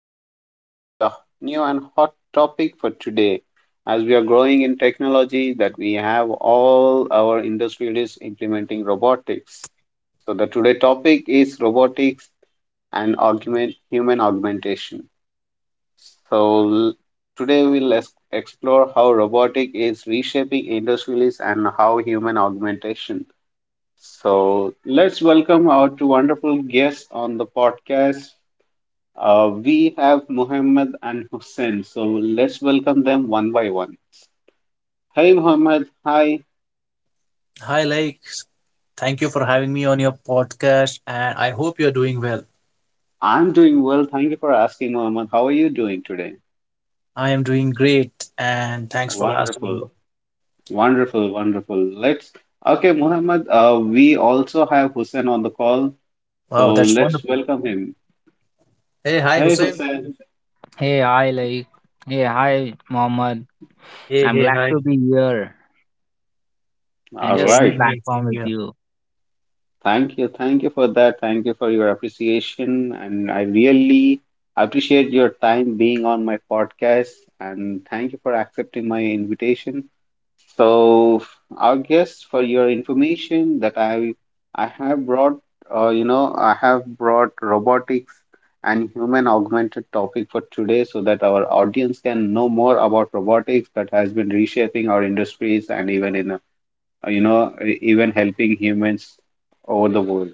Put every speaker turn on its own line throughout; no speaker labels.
again with a new and hot topic for today. As we are growing in technology, that we have all our industry is implementing robotics. So the today topic is robotics and augment human augmentation. So l- today we'll explore how robotic is reshaping industries and how human augmentation. So let's welcome our two wonderful guests on the podcast. We have Muhammad and Hussein, so let's welcome them one by one. Hey, Muhammad. Hi.
Hi, thank you for having me on your podcast, and I hope you're doing well.
I'm doing well. Thank you for asking, Muhammad. How are you doing today?
I am doing great, and thanks for asking.
Wonderful. Wonderful. Wonderful. Let's. Okay, Muhammad. We also have Hussein on the call,
Wow,
so
that's
let's
wonderful.
welcome him.
Hey, hi,
Hey,
Hussein.
Hussein.
Hey, hi, hey, hi, Mohammed.
Hey,
I'm
hey,
glad
hi.
to be here
All
and
Yes,
sharing the
same
right.
here,
platform
same
with
here.
you.
Thank you. Thank you for that. Thank you for your appreciation. And I really appreciate your time being on my podcast. And thank you for accepting my invitation. So, our guest, for your information, that I have brought, I have brought robotics and human augmented topic for today, so that our audience can know more about robotics that has been reshaping our industries and even in, a, even helping humans over the world.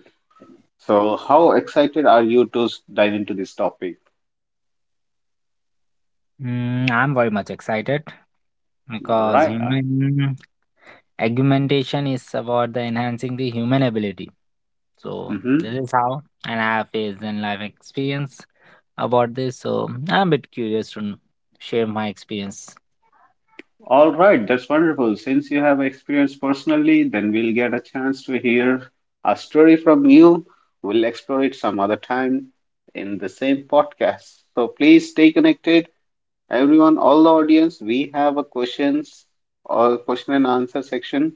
So, how excited are you to dive into this topic?
Mm, I'm very much excited
All
because
right.
human augmentation is about the enhancing the human ability. So
Mm-hmm.
this is how, and I have faced and life experience about this. So I'm a bit curious to share my experience.
All right. That's wonderful. Since you have experience personally, then we'll get a chance to hear a story from you. We'll explore it some other time in the same podcast. So, please stay connected. Everyone, all the audience, we have a questions or question and answer section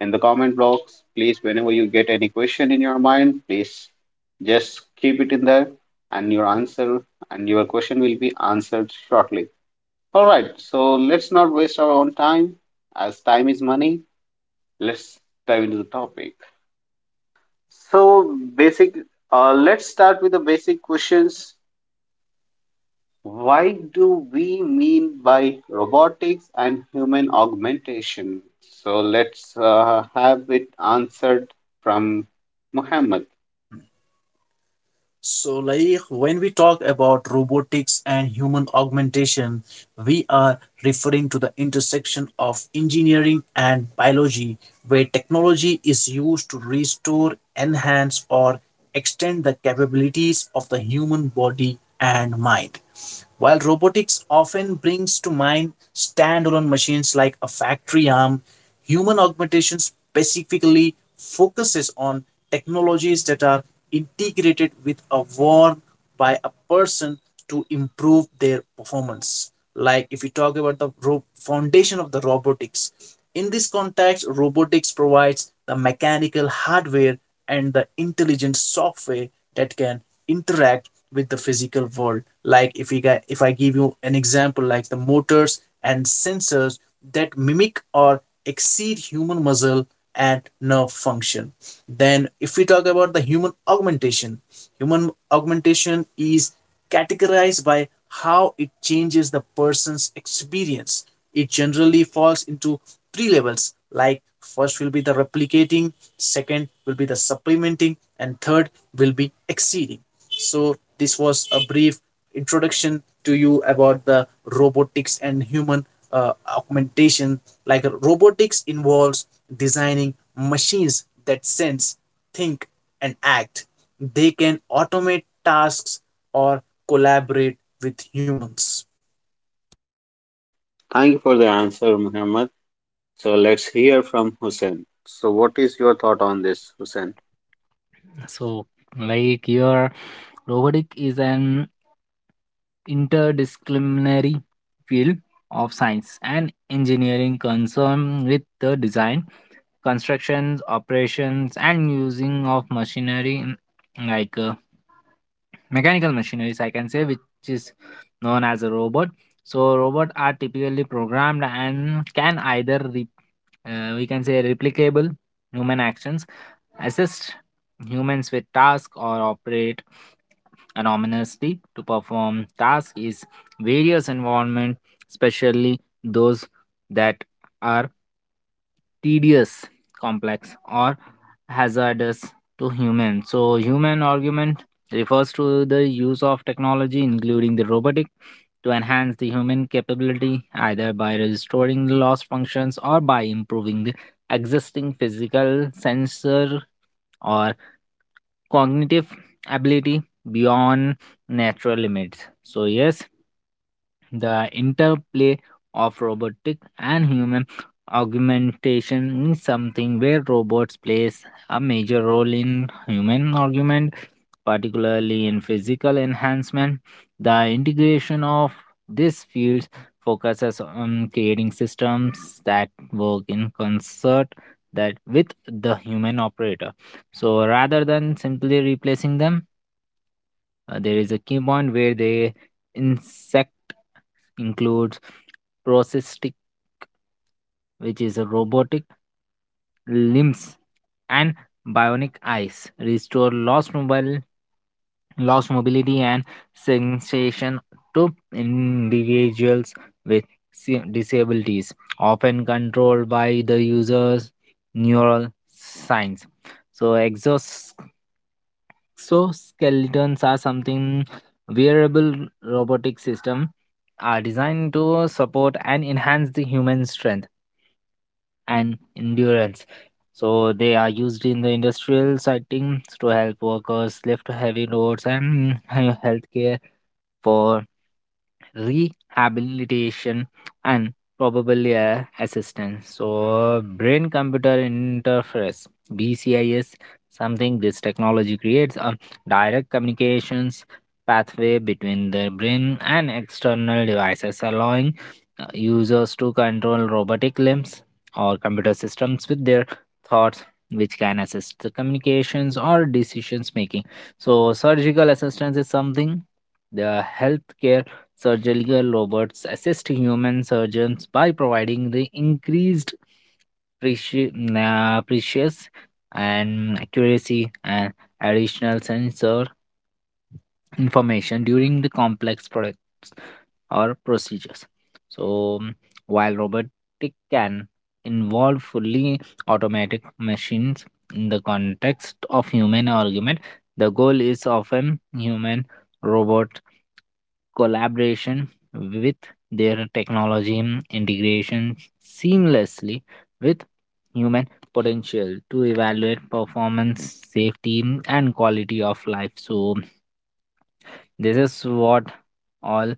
in the comment box. Please, whenever you get any question in your mind, please just keep it in there, and your answer and your question will be answered shortly. All right, so let's not waste our own time as time is money. Let's dive into the topic. So, let's start with the basic questions. Why do we mean by robotics and human augmentation? So let's have it answered from Muhammad.
So, when we talk about robotics and human augmentation, we are referring to the intersection of engineering and biology, where technology is used to restore, enhance, or extend the capabilities of the human body and mind. While robotics often brings to mind standalone machines like a factory arm, human augmentation specifically focuses on technologies that are integrated with a work by a person to improve their performance. Like if we talk about the foundation of the robotics, in this context, robotics provides the mechanical hardware and the intelligent software that can interact with the physical world, like if we got, if I give you an example, like the motors and sensors that mimic or exceed human muscle and nerve function. Then if we talk about the human augmentation, human augmentation is categorized by how it changes the person's experience. It generally falls into three levels, like first will be the replicating, second will be the supplementing, and third will be exceeding. So, this was a brief introduction to you about the robotics and human augmentation. Like robotics involves designing machines that sense, think, and act. They can automate tasks or collaborate with humans.
Thank you for the answer, Muhammad. So let's hear from Hussein. So, what is your thought on this, Hussein?
So like your robotic is an interdisciplinary field of science and engineering concerned with the design, constructions, operations, and using of machinery mechanical machineries, I can say, which is known as a robot. So, robots are typically programmed and can either we can say replicable human actions, assist humans with tasks, or operate anonymously to perform tasks is various environment, especially those that are tedious, complex, or hazardous to human. So, human argument refers to the use of technology, including the robotic, to enhance the human capability either by restoring the lost functions or by improving the existing physical sensor or cognitive ability beyond natural limits. So yes, the interplay of robotic and human augmentation is something where robots plays a major role in human augment, particularly in physical enhancement. The integration of these fields focuses on creating systems that work in concert that with the human operator. So rather than simply replacing them, there is a key point where they intersect, includes prosthetic, which is a robotic limbs, and bionic eyes, restore lost mobility and sensation to individuals with disabilities, often controlled by the user's neural signs. So exos So skeletons are something wearable robotic system, are designed to support and enhance the human strength and endurance. So they are used in the industrial settings to help workers lift heavy loads and healthcare for rehabilitation and probably a assistance. So brain computer interface, BCIs, something this technology creates a direct communications pathway between the brain and external devices, allowing users to control robotic limbs or computer systems with their thoughts, which can assist the communications or decisions making. So surgical assistance is something the healthcare. Surgical robots assist human surgeons by providing the increased preci- precious and accuracy and additional sensor information during the complex products or procedures. So, mm, while robotic can involve fully automatic machines in the context of human argument, the goal is often human robot collaboration with their technology integration seamlessly with human potential to evaluate performance, safety, and quality of life. So, this is what all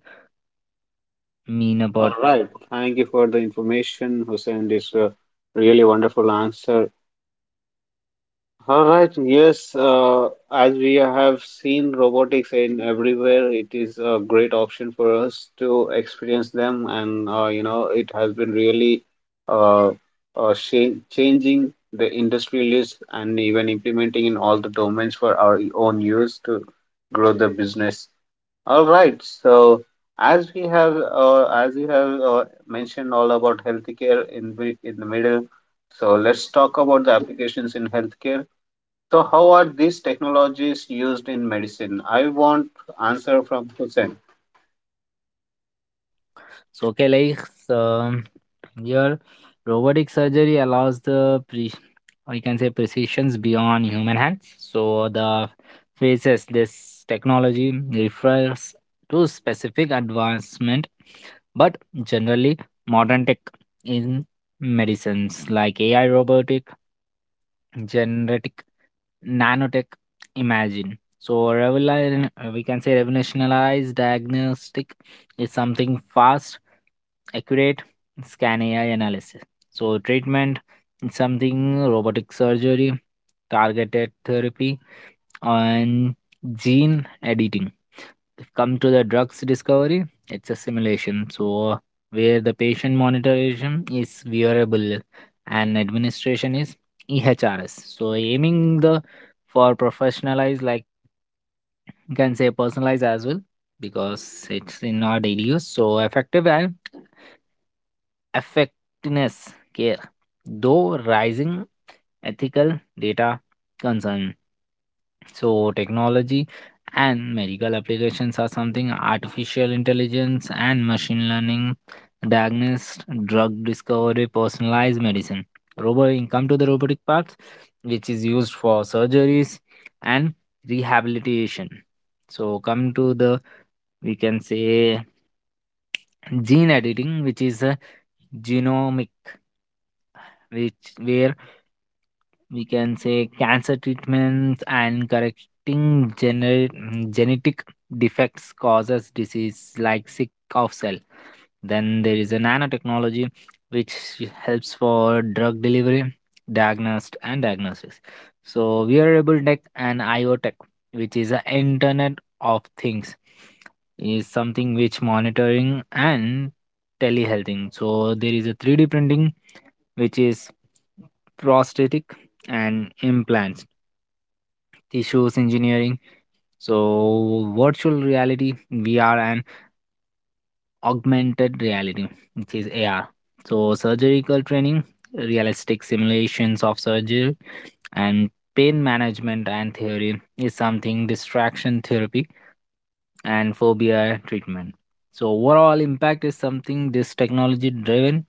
mean
All
about.
right. Thank you for the information, Hussein. This Really wonderful answer. All right, yes, as we have seen robotics in everywhere, it is a great option for us to experience them, and it has been really uh, changing the industry list and even implementing in all the domains for our own use to grow the business. All right, so as we have as you have mentioned all about healthcare in in the middle, so let's talk about the applications in healthcare. So, how are these technologies used in medicine? I want answer from Hussein.
Okay, like here, robotic surgery allows the pre, or you can say precisions beyond human hands. So the faces this technology refers to specific advancement, but generally modern tech in medicines like AI, robotic, genetic, nanotech, imagine. So revolution, we can say revolutionized diagnostic is something fast accurate scan AI analysis. So, treatment is something robotic surgery, targeted therapy, and gene editing. Come to the drugs discovery, it's a simulation. So, where the patient monitoring is wearable and administration is EHRS. So, aiming the for professionalized, like you can say personalized as well because it's in our daily use. So, effective and effectiveness care, though rising ethical data concern. So, technology and medical applications are something artificial intelligence and machine learning, diagnosed drug discovery, personalized medicine. Robot, come to the robotic parts, which is used for surgeries and rehabilitation. So, come to the, we can say gene editing, which is a genomic, which where we can say cancer treatments and correcting genetic defects causes disease like sick of cell. Then there is a nanotechnology which helps for drug delivery, diagnosed and diagnosis. So wearable tech and iotech, which is the internet of things, is something which monitoring and telehealthing. So there is a 3D printing which is prosthetic and implants, tissues engineering. So, virtual reality, VR, and augmented reality, which is AR. So, surgical training, realistic simulations of surgery, and pain management and theory is something distraction therapy and phobia treatment. So, overall impact is something this technology driven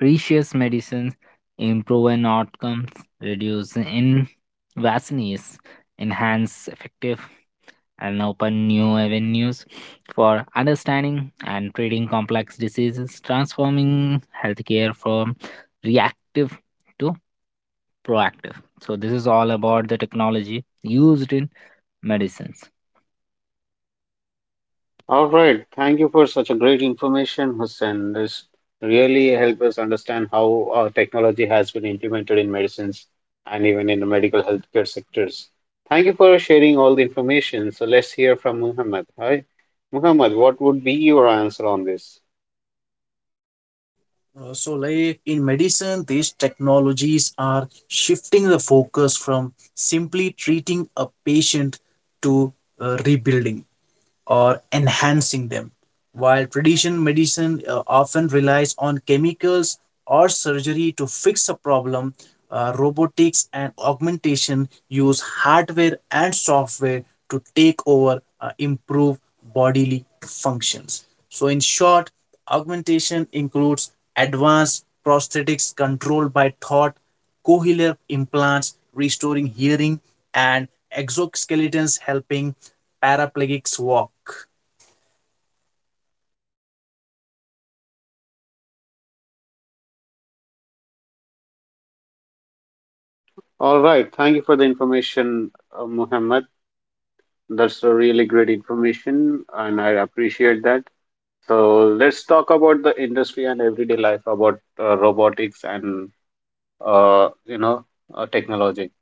precious medicines, improving outcomes, reduce invasiveness, enhance effective, and open new avenues for understanding and treating complex diseases, transforming healthcare from reactive to proactive. So, this is all about the technology used in medicines.
All right. Thank you for such a great information, Hussein. This really help us understand how technology has been implemented in medicines and even in the medical healthcare sectors. Thank you for sharing all the information. So let's hear from Muhammad. Hi, Muhammad. What would be your answer on this?
In medicine, these technologies are shifting the focus from simply treating a patient to rebuilding or enhancing them. While traditional medicine often relies on chemicals or surgery to fix a problem, robotics and augmentation use hardware and software to take over, improve bodily functions. So, in short, augmentation includes advanced prosthetics controlled by thought, cochlear implants restoring hearing, and exoskeletons helping paraplegics walk.
All right. Thank you for the information, Muhammad. That's a really great information, and I appreciate that. So let's talk about the industry and everyday life about robotics and uh, you know technology.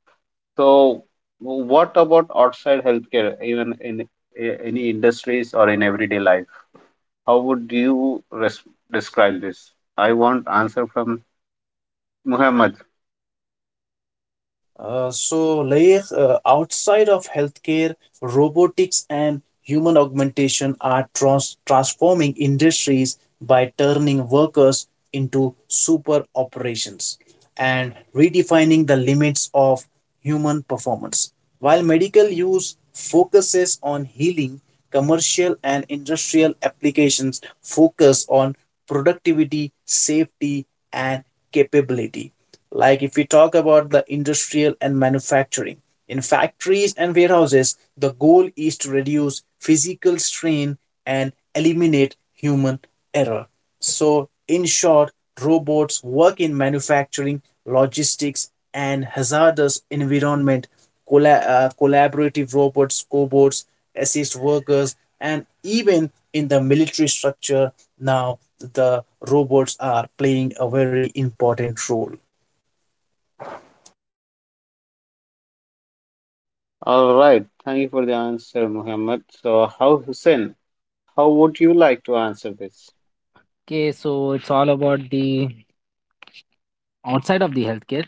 So what about outside healthcare, even in any industries or in everyday life? How would you describe this? I want answer from Muhammad.
Outside of healthcare, robotics and human augmentation are transforming industries by turning workers into super operations and redefining the limits of human performance. While medical use focuses on healing, commercial and industrial applications focus on productivity, safety, and capability. Like if we talk about the industrial and manufacturing, in factories and warehouses, the goal is to reduce physical strain and eliminate human error. So, in short, robots work in manufacturing, logistics, and hazardous environment. Collaborative robots, cobots, assist workers, and even in the military structure, now the robots are playing a very important role.
All right, thank you for the answer, Muhammad. So how Hussein, how would you like to answer this?
Okay, so it's all about the outside of the healthcare.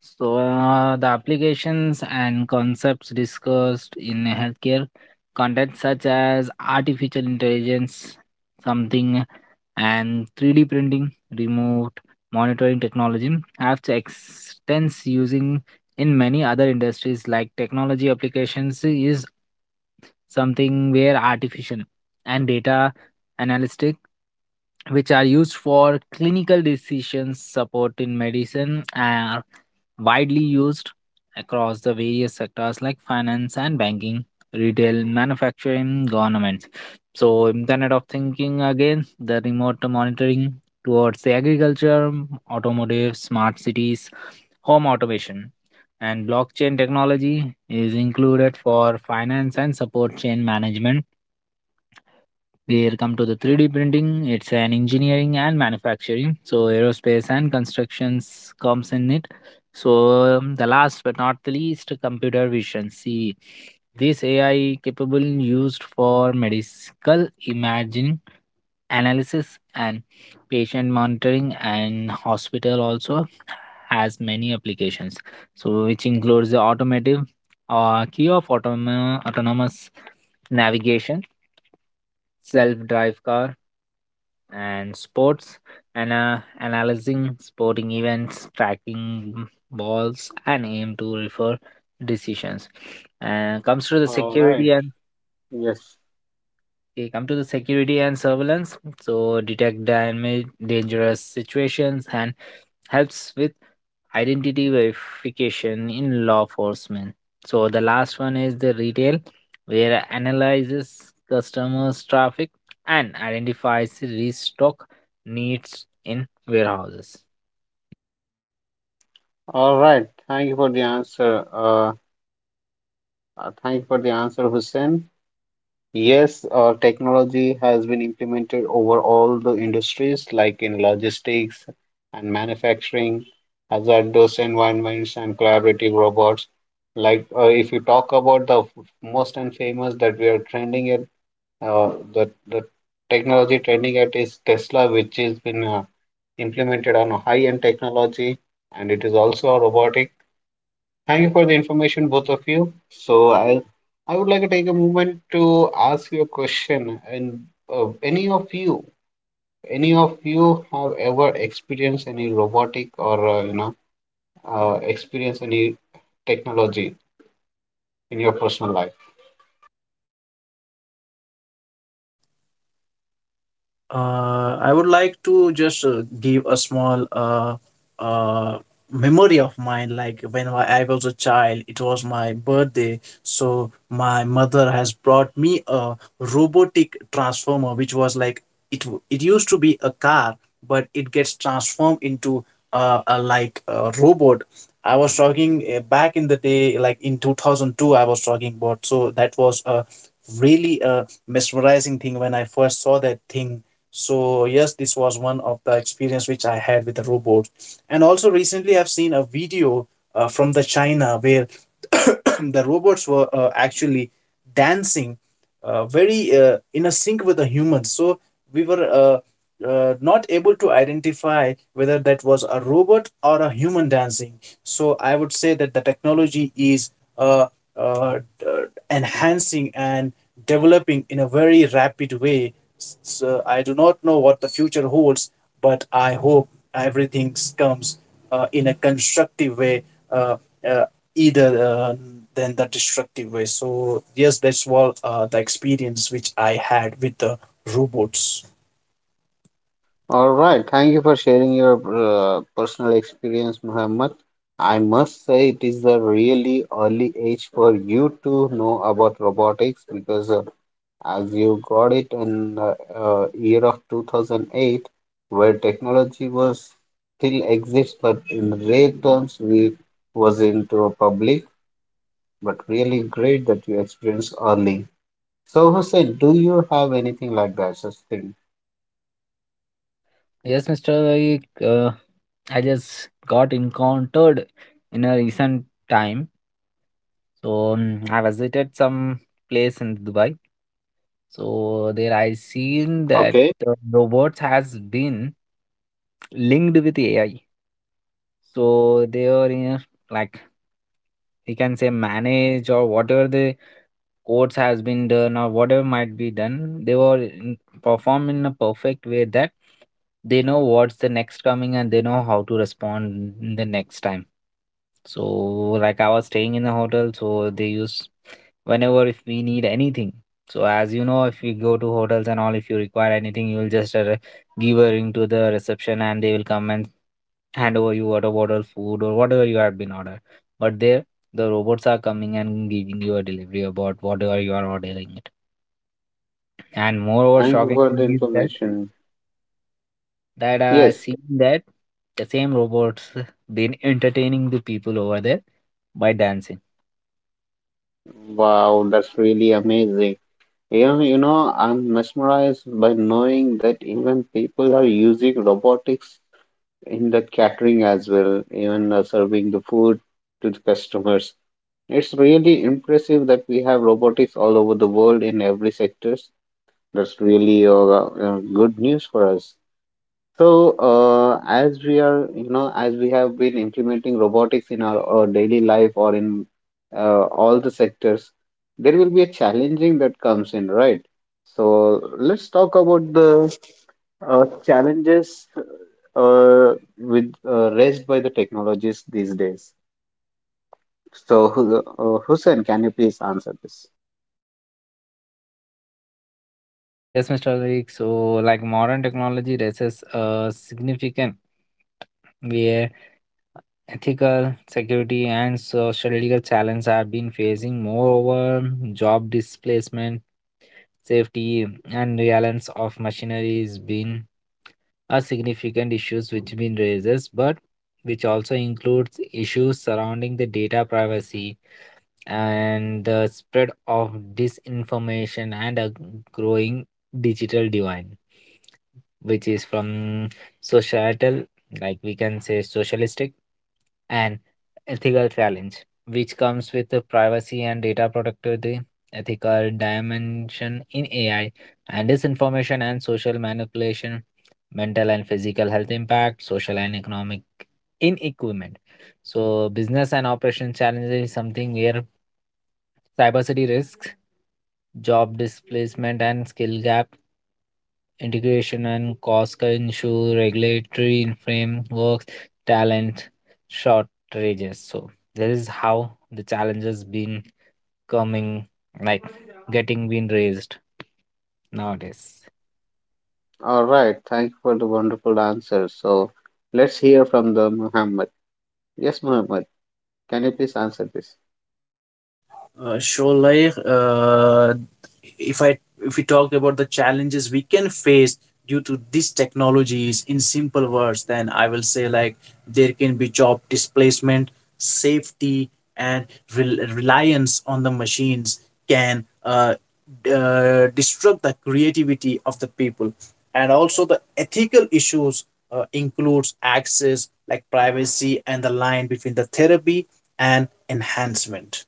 So, the applications and concepts discussed in healthcare content such as artificial intelligence, something, and 3D printing, remote monitoring technology have to extends using in many other industries. Like technology applications is something where artificial and data analytic, which are used for clinical decision support in medicine, are widely used across the various sectors like finance and banking, retail, manufacturing, government. So internet of thinking, again the remote monitoring towards the agriculture, automotive, smart cities, home automation, and blockchain technology is included for finance and support chain management. We come to the 3D printing. It's an engineering and manufacturing. So aerospace and constructions comes in it. So the last but not the least, computer vision. See, this AI capable used for medical imaging analysis and patient monitoring and hospital also has many applications. So which includes the automotive, key of autonomous navigation, self-drive car, and sports, and analyzing sporting events, tracking balls, and aim to refer decisions, and comes to the
All right,
security and,
yes.
okay, come to the security and surveillance. So detect damage dangerous situations and helps with identity verification in law enforcement. So the last one is the retail, where analyzes customers' traffic and identifies restock needs in warehouses.
All right, thank you for the answer, thanks for the answer, Hussein. Yes, technology has been implemented over all the industries, like in logistics and manufacturing, hazardous environments, and collaborative robots. Like, if you talk about the most and famous that we are trending at, the technology trending at is Tesla, which has been implemented on a high-end technology, and it is also a robotic. Thank you for the information, both of you. So I would like to take a moment to ask you a question. And uh, any of you, any of you have ever experienced any robotic or experience any technology in your personal life?
I would like to just give a small uh, memory of mine. Like when I was a child, it was my birthday. So my mother has brought me a robotic transformer, which was like It used to be a car, but it gets transformed into a like a robot. I was talking back in the day, like in 2002. I was talking about. So that was a really mesmerizing thing when I first saw that thing. So yes, this was one of the experience which I had with the robot. And also, recently I've seen a video from the China where the robots were actually dancing, very in a sync with the humans. So we were not able to identify whether that was a robot or a human dancing. So I would say that the technology is uh, uh, enhancing and developing in a very rapid way. So I do not know what the future holds, but I hope everything comes in a constructive way, uh, uh, either than the destructive way. So yes, that's all the experience which I had with the robots.
All right. Thank you for sharing your personal experience, Muhammad. I must say it is a really early age for you to know about robotics because. As you got it in the year of 2008, where technology was still exists but in rare terms, we was into a public, but really great that you experienced early. So Hussein, do you have anything like that, such thing?
Yes, Mr. Vaik, I just got encountered in a recent time. So I visited some place in Dubai. So there I seen that
Okay.
robots has been linked with AI. So they are in, like we can say, manage or whatever the codes has been done or whatever might be done, they were in, perform in a perfect way that they know what's the next coming and they know how to respond in the next time. So like I was staying in a hotel, so they use whenever if we need anything. So as you know, if you go to hotels and all, if you require anything, you will just give a ring to the reception and they will come and hand over you water bottle, food or whatever you have been ordered. But there the robots are coming and giving you a delivery about whatever you are ordering it. And moreover
Thank you
shocking
for the
thing is that
information.
that I
Yes.
seen that the same robots been entertaining the people over there by dancing.
Wow, that's really amazing. You know, I'm mesmerized by knowing that even people are using robotics in the catering as well, even serving the food to the customers. It's really impressive that we have robotics all over the world in every sectors. That's really good news for us. So, as we are, you know, as we have been implementing robotics in our daily life or in all the sectors, there will be a challenging that comes in, right? So, let's talk about the challenges with raised by the technologies these days. So, Hussein, can you please answer this?
Yes, Mr. Alik. So like modern technology raises a significant where ethical, security, and social legal challenges have been facing. Moreover, job displacement, safety, and reliance of machinery is been a significant issues which been raises, but which also includes issues surrounding the data privacy and the spread of disinformation and a growing digital divide, which is from societal, like we can say socialistic, and ethical challenge, which comes with the privacy and data productivity, ethical dimension in AI, and disinformation and social manipulation, mental and physical health impact, social and economic inequipment. So, business and operation challenges is something where cybersecurity risks, job displacement, and skill gap integration and cost can issue, regulatory frameworks, talent shortages. So that is how the challenges been coming, like getting been raised nowadays.
All right, thank you for the wonderful answer. So, let's hear from the Muhammad. Yes, Muhammad, can you please answer this?
Sholay, if I if we talk about the challenges we can face due to these technologies in simple words, then I will say like there can be job displacement, safety, and reliance on the machines can disrupt the creativity of the people, and also the ethical issues includes access like privacy and the line between the therapy and enhancement.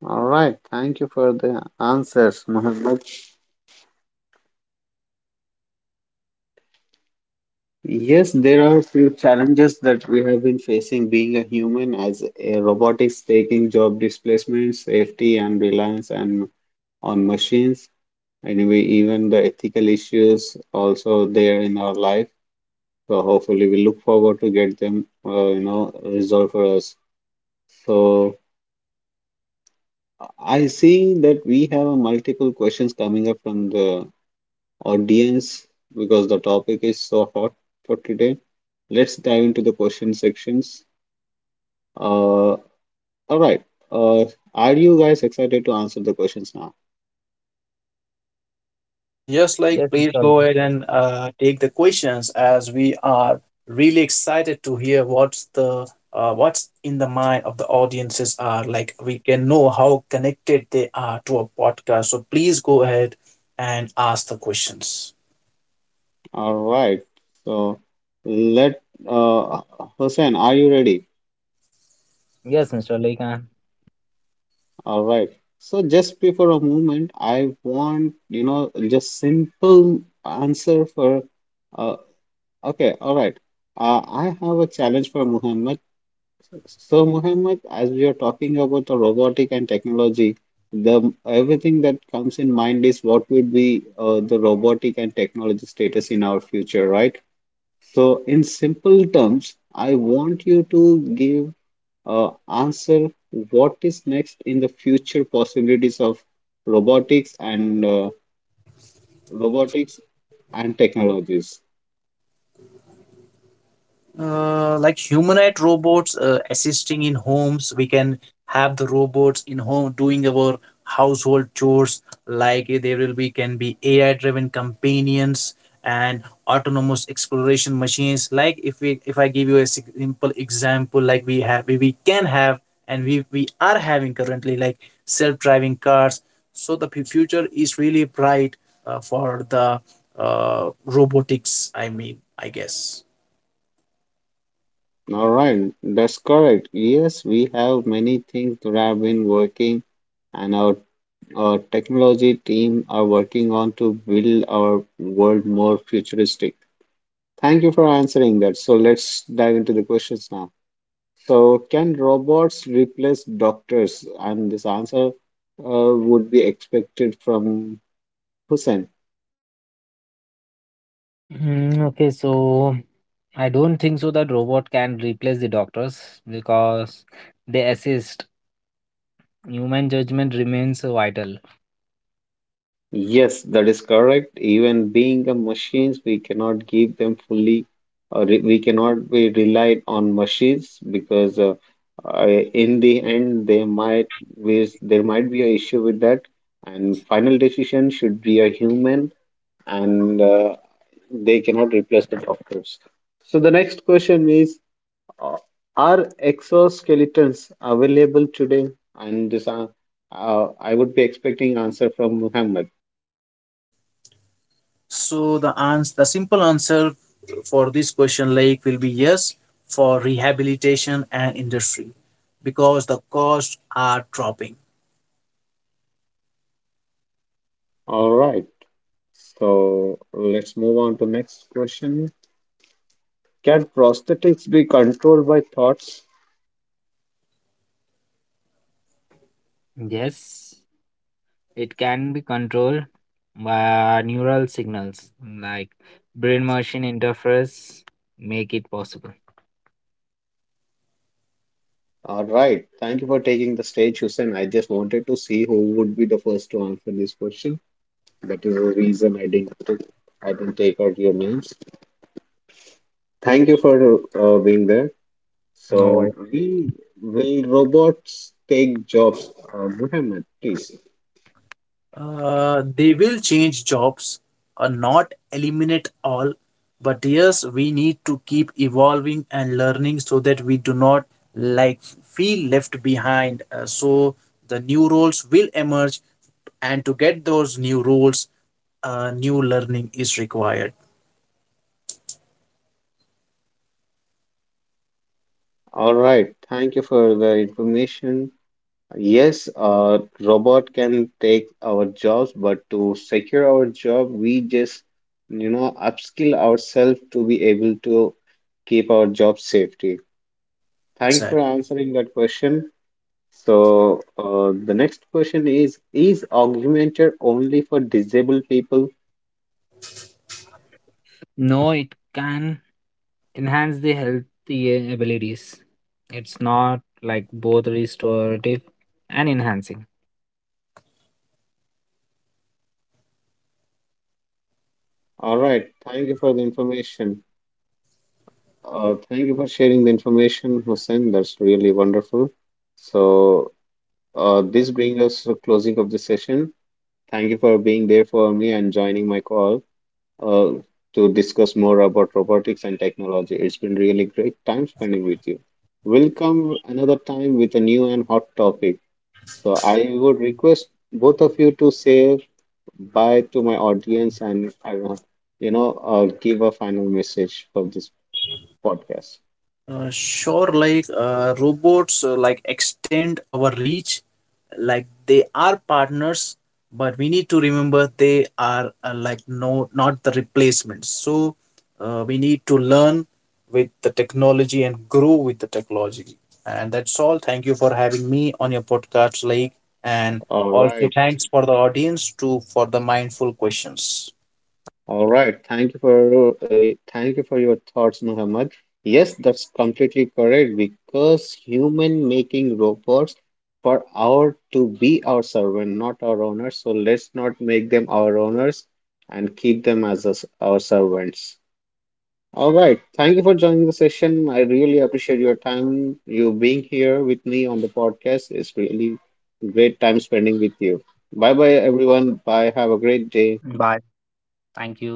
All right, thank you for the answers, Muhammad. Yes, there are a few challenges that we have been facing being a human as a robotics taking job displacement, safety and reliance and on machines. Anyway, even the ethical issues also there in our life. So hopefully we look forward to get them, resolved for us. So I see that we have multiple questions coming up from the audience because the topic is so hot for today. Let's dive into the question sections. Uh, all right. Uh, are you guys excited to answer the questions now?
Yes, like
Yes,
please
Mr.
go
Lake.
ahead and take the questions, as we are really excited to hear what's in the mind of the audiences, are like we can know how connected they are to a podcast. So please go ahead and ask the questions.
All right. So let uh, Hussein, are you ready?
Yes, Mr. Lake. uh,
All right. So just pay for a moment. I want, you know, just simple answer for uh okay, all right. I have a challenge for Muhammad. So Muhammad, as we are talking about the robotic and technology, the everything that comes in mind is what would be the robotic and technology status in our future, right? So in simple terms, I want you to give answer what is next in the future possibilities of robotics and uh, robotics and technologies.
Like humanoid robots assisting in homes, we can have the robots in home doing our household chores. Like there will be can be AI driven companions and autonomous exploration machines. Like if I give you a simple example, like we can have, and we are having currently, like self driving cars. So the future is really bright for the robotics, I mean, I guess.
All right, that's correct. Yes, we have many things that have been working, and our technology team are working on to build our world more futuristic. Thank you for answering that. So let's dive into the questions now. So, can robots replace doctors? And this answer would be expected from Hussein.
Mm, okay, so I don't think so that robot can replace the doctors because they assist. Human judgment remains vital.
Yes, that is correct. Even being a machines, we cannot give them fully, or re we cannot be relied on machines because in the end they might be, there might be an issue with that, and final decision should be a human, and they cannot replace the doctors. So the next question is. Uh, are exoskeletons available today? And I would be expecting answer from Muhammad.
So the the simple answer for this question, like, will be yes for rehabilitation and industry, because the costs are dropping.
All right. So let's move on to next question. Can prosthetics be controlled by thoughts?
Yes, it can be controlled by neural signals like brain machine interface make it possible.
All right. Thank you for taking the stage, Hussein. I just wanted to see who would be the first to answer this question. That is the reason I didn't take out your names. Thank you for being there.
No, I
So we will robots take jobs? Muhammad, please.
They will change jobs, or not eliminate all, but yes, we need to keep evolving and learning so that we do not like feel left behind. So the new roles will emerge, and to get those new roles, new learning is required.
All right. Thank you for the information. Yes, robot can take our jobs, but to secure our job, we just, you know, upskill ourselves to be able to keep our job safety. Thank you for
Exactly.
answering that question. So, the next question is augmented only for disabled people?
No, it can enhance the healthy abilities. It's not like both restorative and enhancing.
All right. Thank you for the information. Thank you for sharing the information, Hussein. That's really wonderful. So, this brings us to the closing of the session. Thank you for being there for me and joining my call uh, to discuss more about robotics and technology. It's been really great time spending with you. We'll come another time with a new and hot topic. So, I would request both of you to say bye to my audience and I don't know, give a final message for this podcast.
Sure, like robots, like extend our reach. Like they are partners, but we need to remember they are not the replacements. So we need to learn with the technology and grow with the technology. And that's all. Thank you for having me on your podcast, like, and
All
also
right.
thanks for the audience too for the mindful questions.
All right. Thank you for your thoughts, Muhammad. Yes, that's completely correct because human making robots for our to be our servant, not our owners. So let's not make them our owners and keep them as us, our servants. All right. Thank you for joining the session. I really appreciate your time. You being here with me on the podcast is really great time spending with you. Bye bye everyone. Bye. Have a great day.
Bye. Thank you.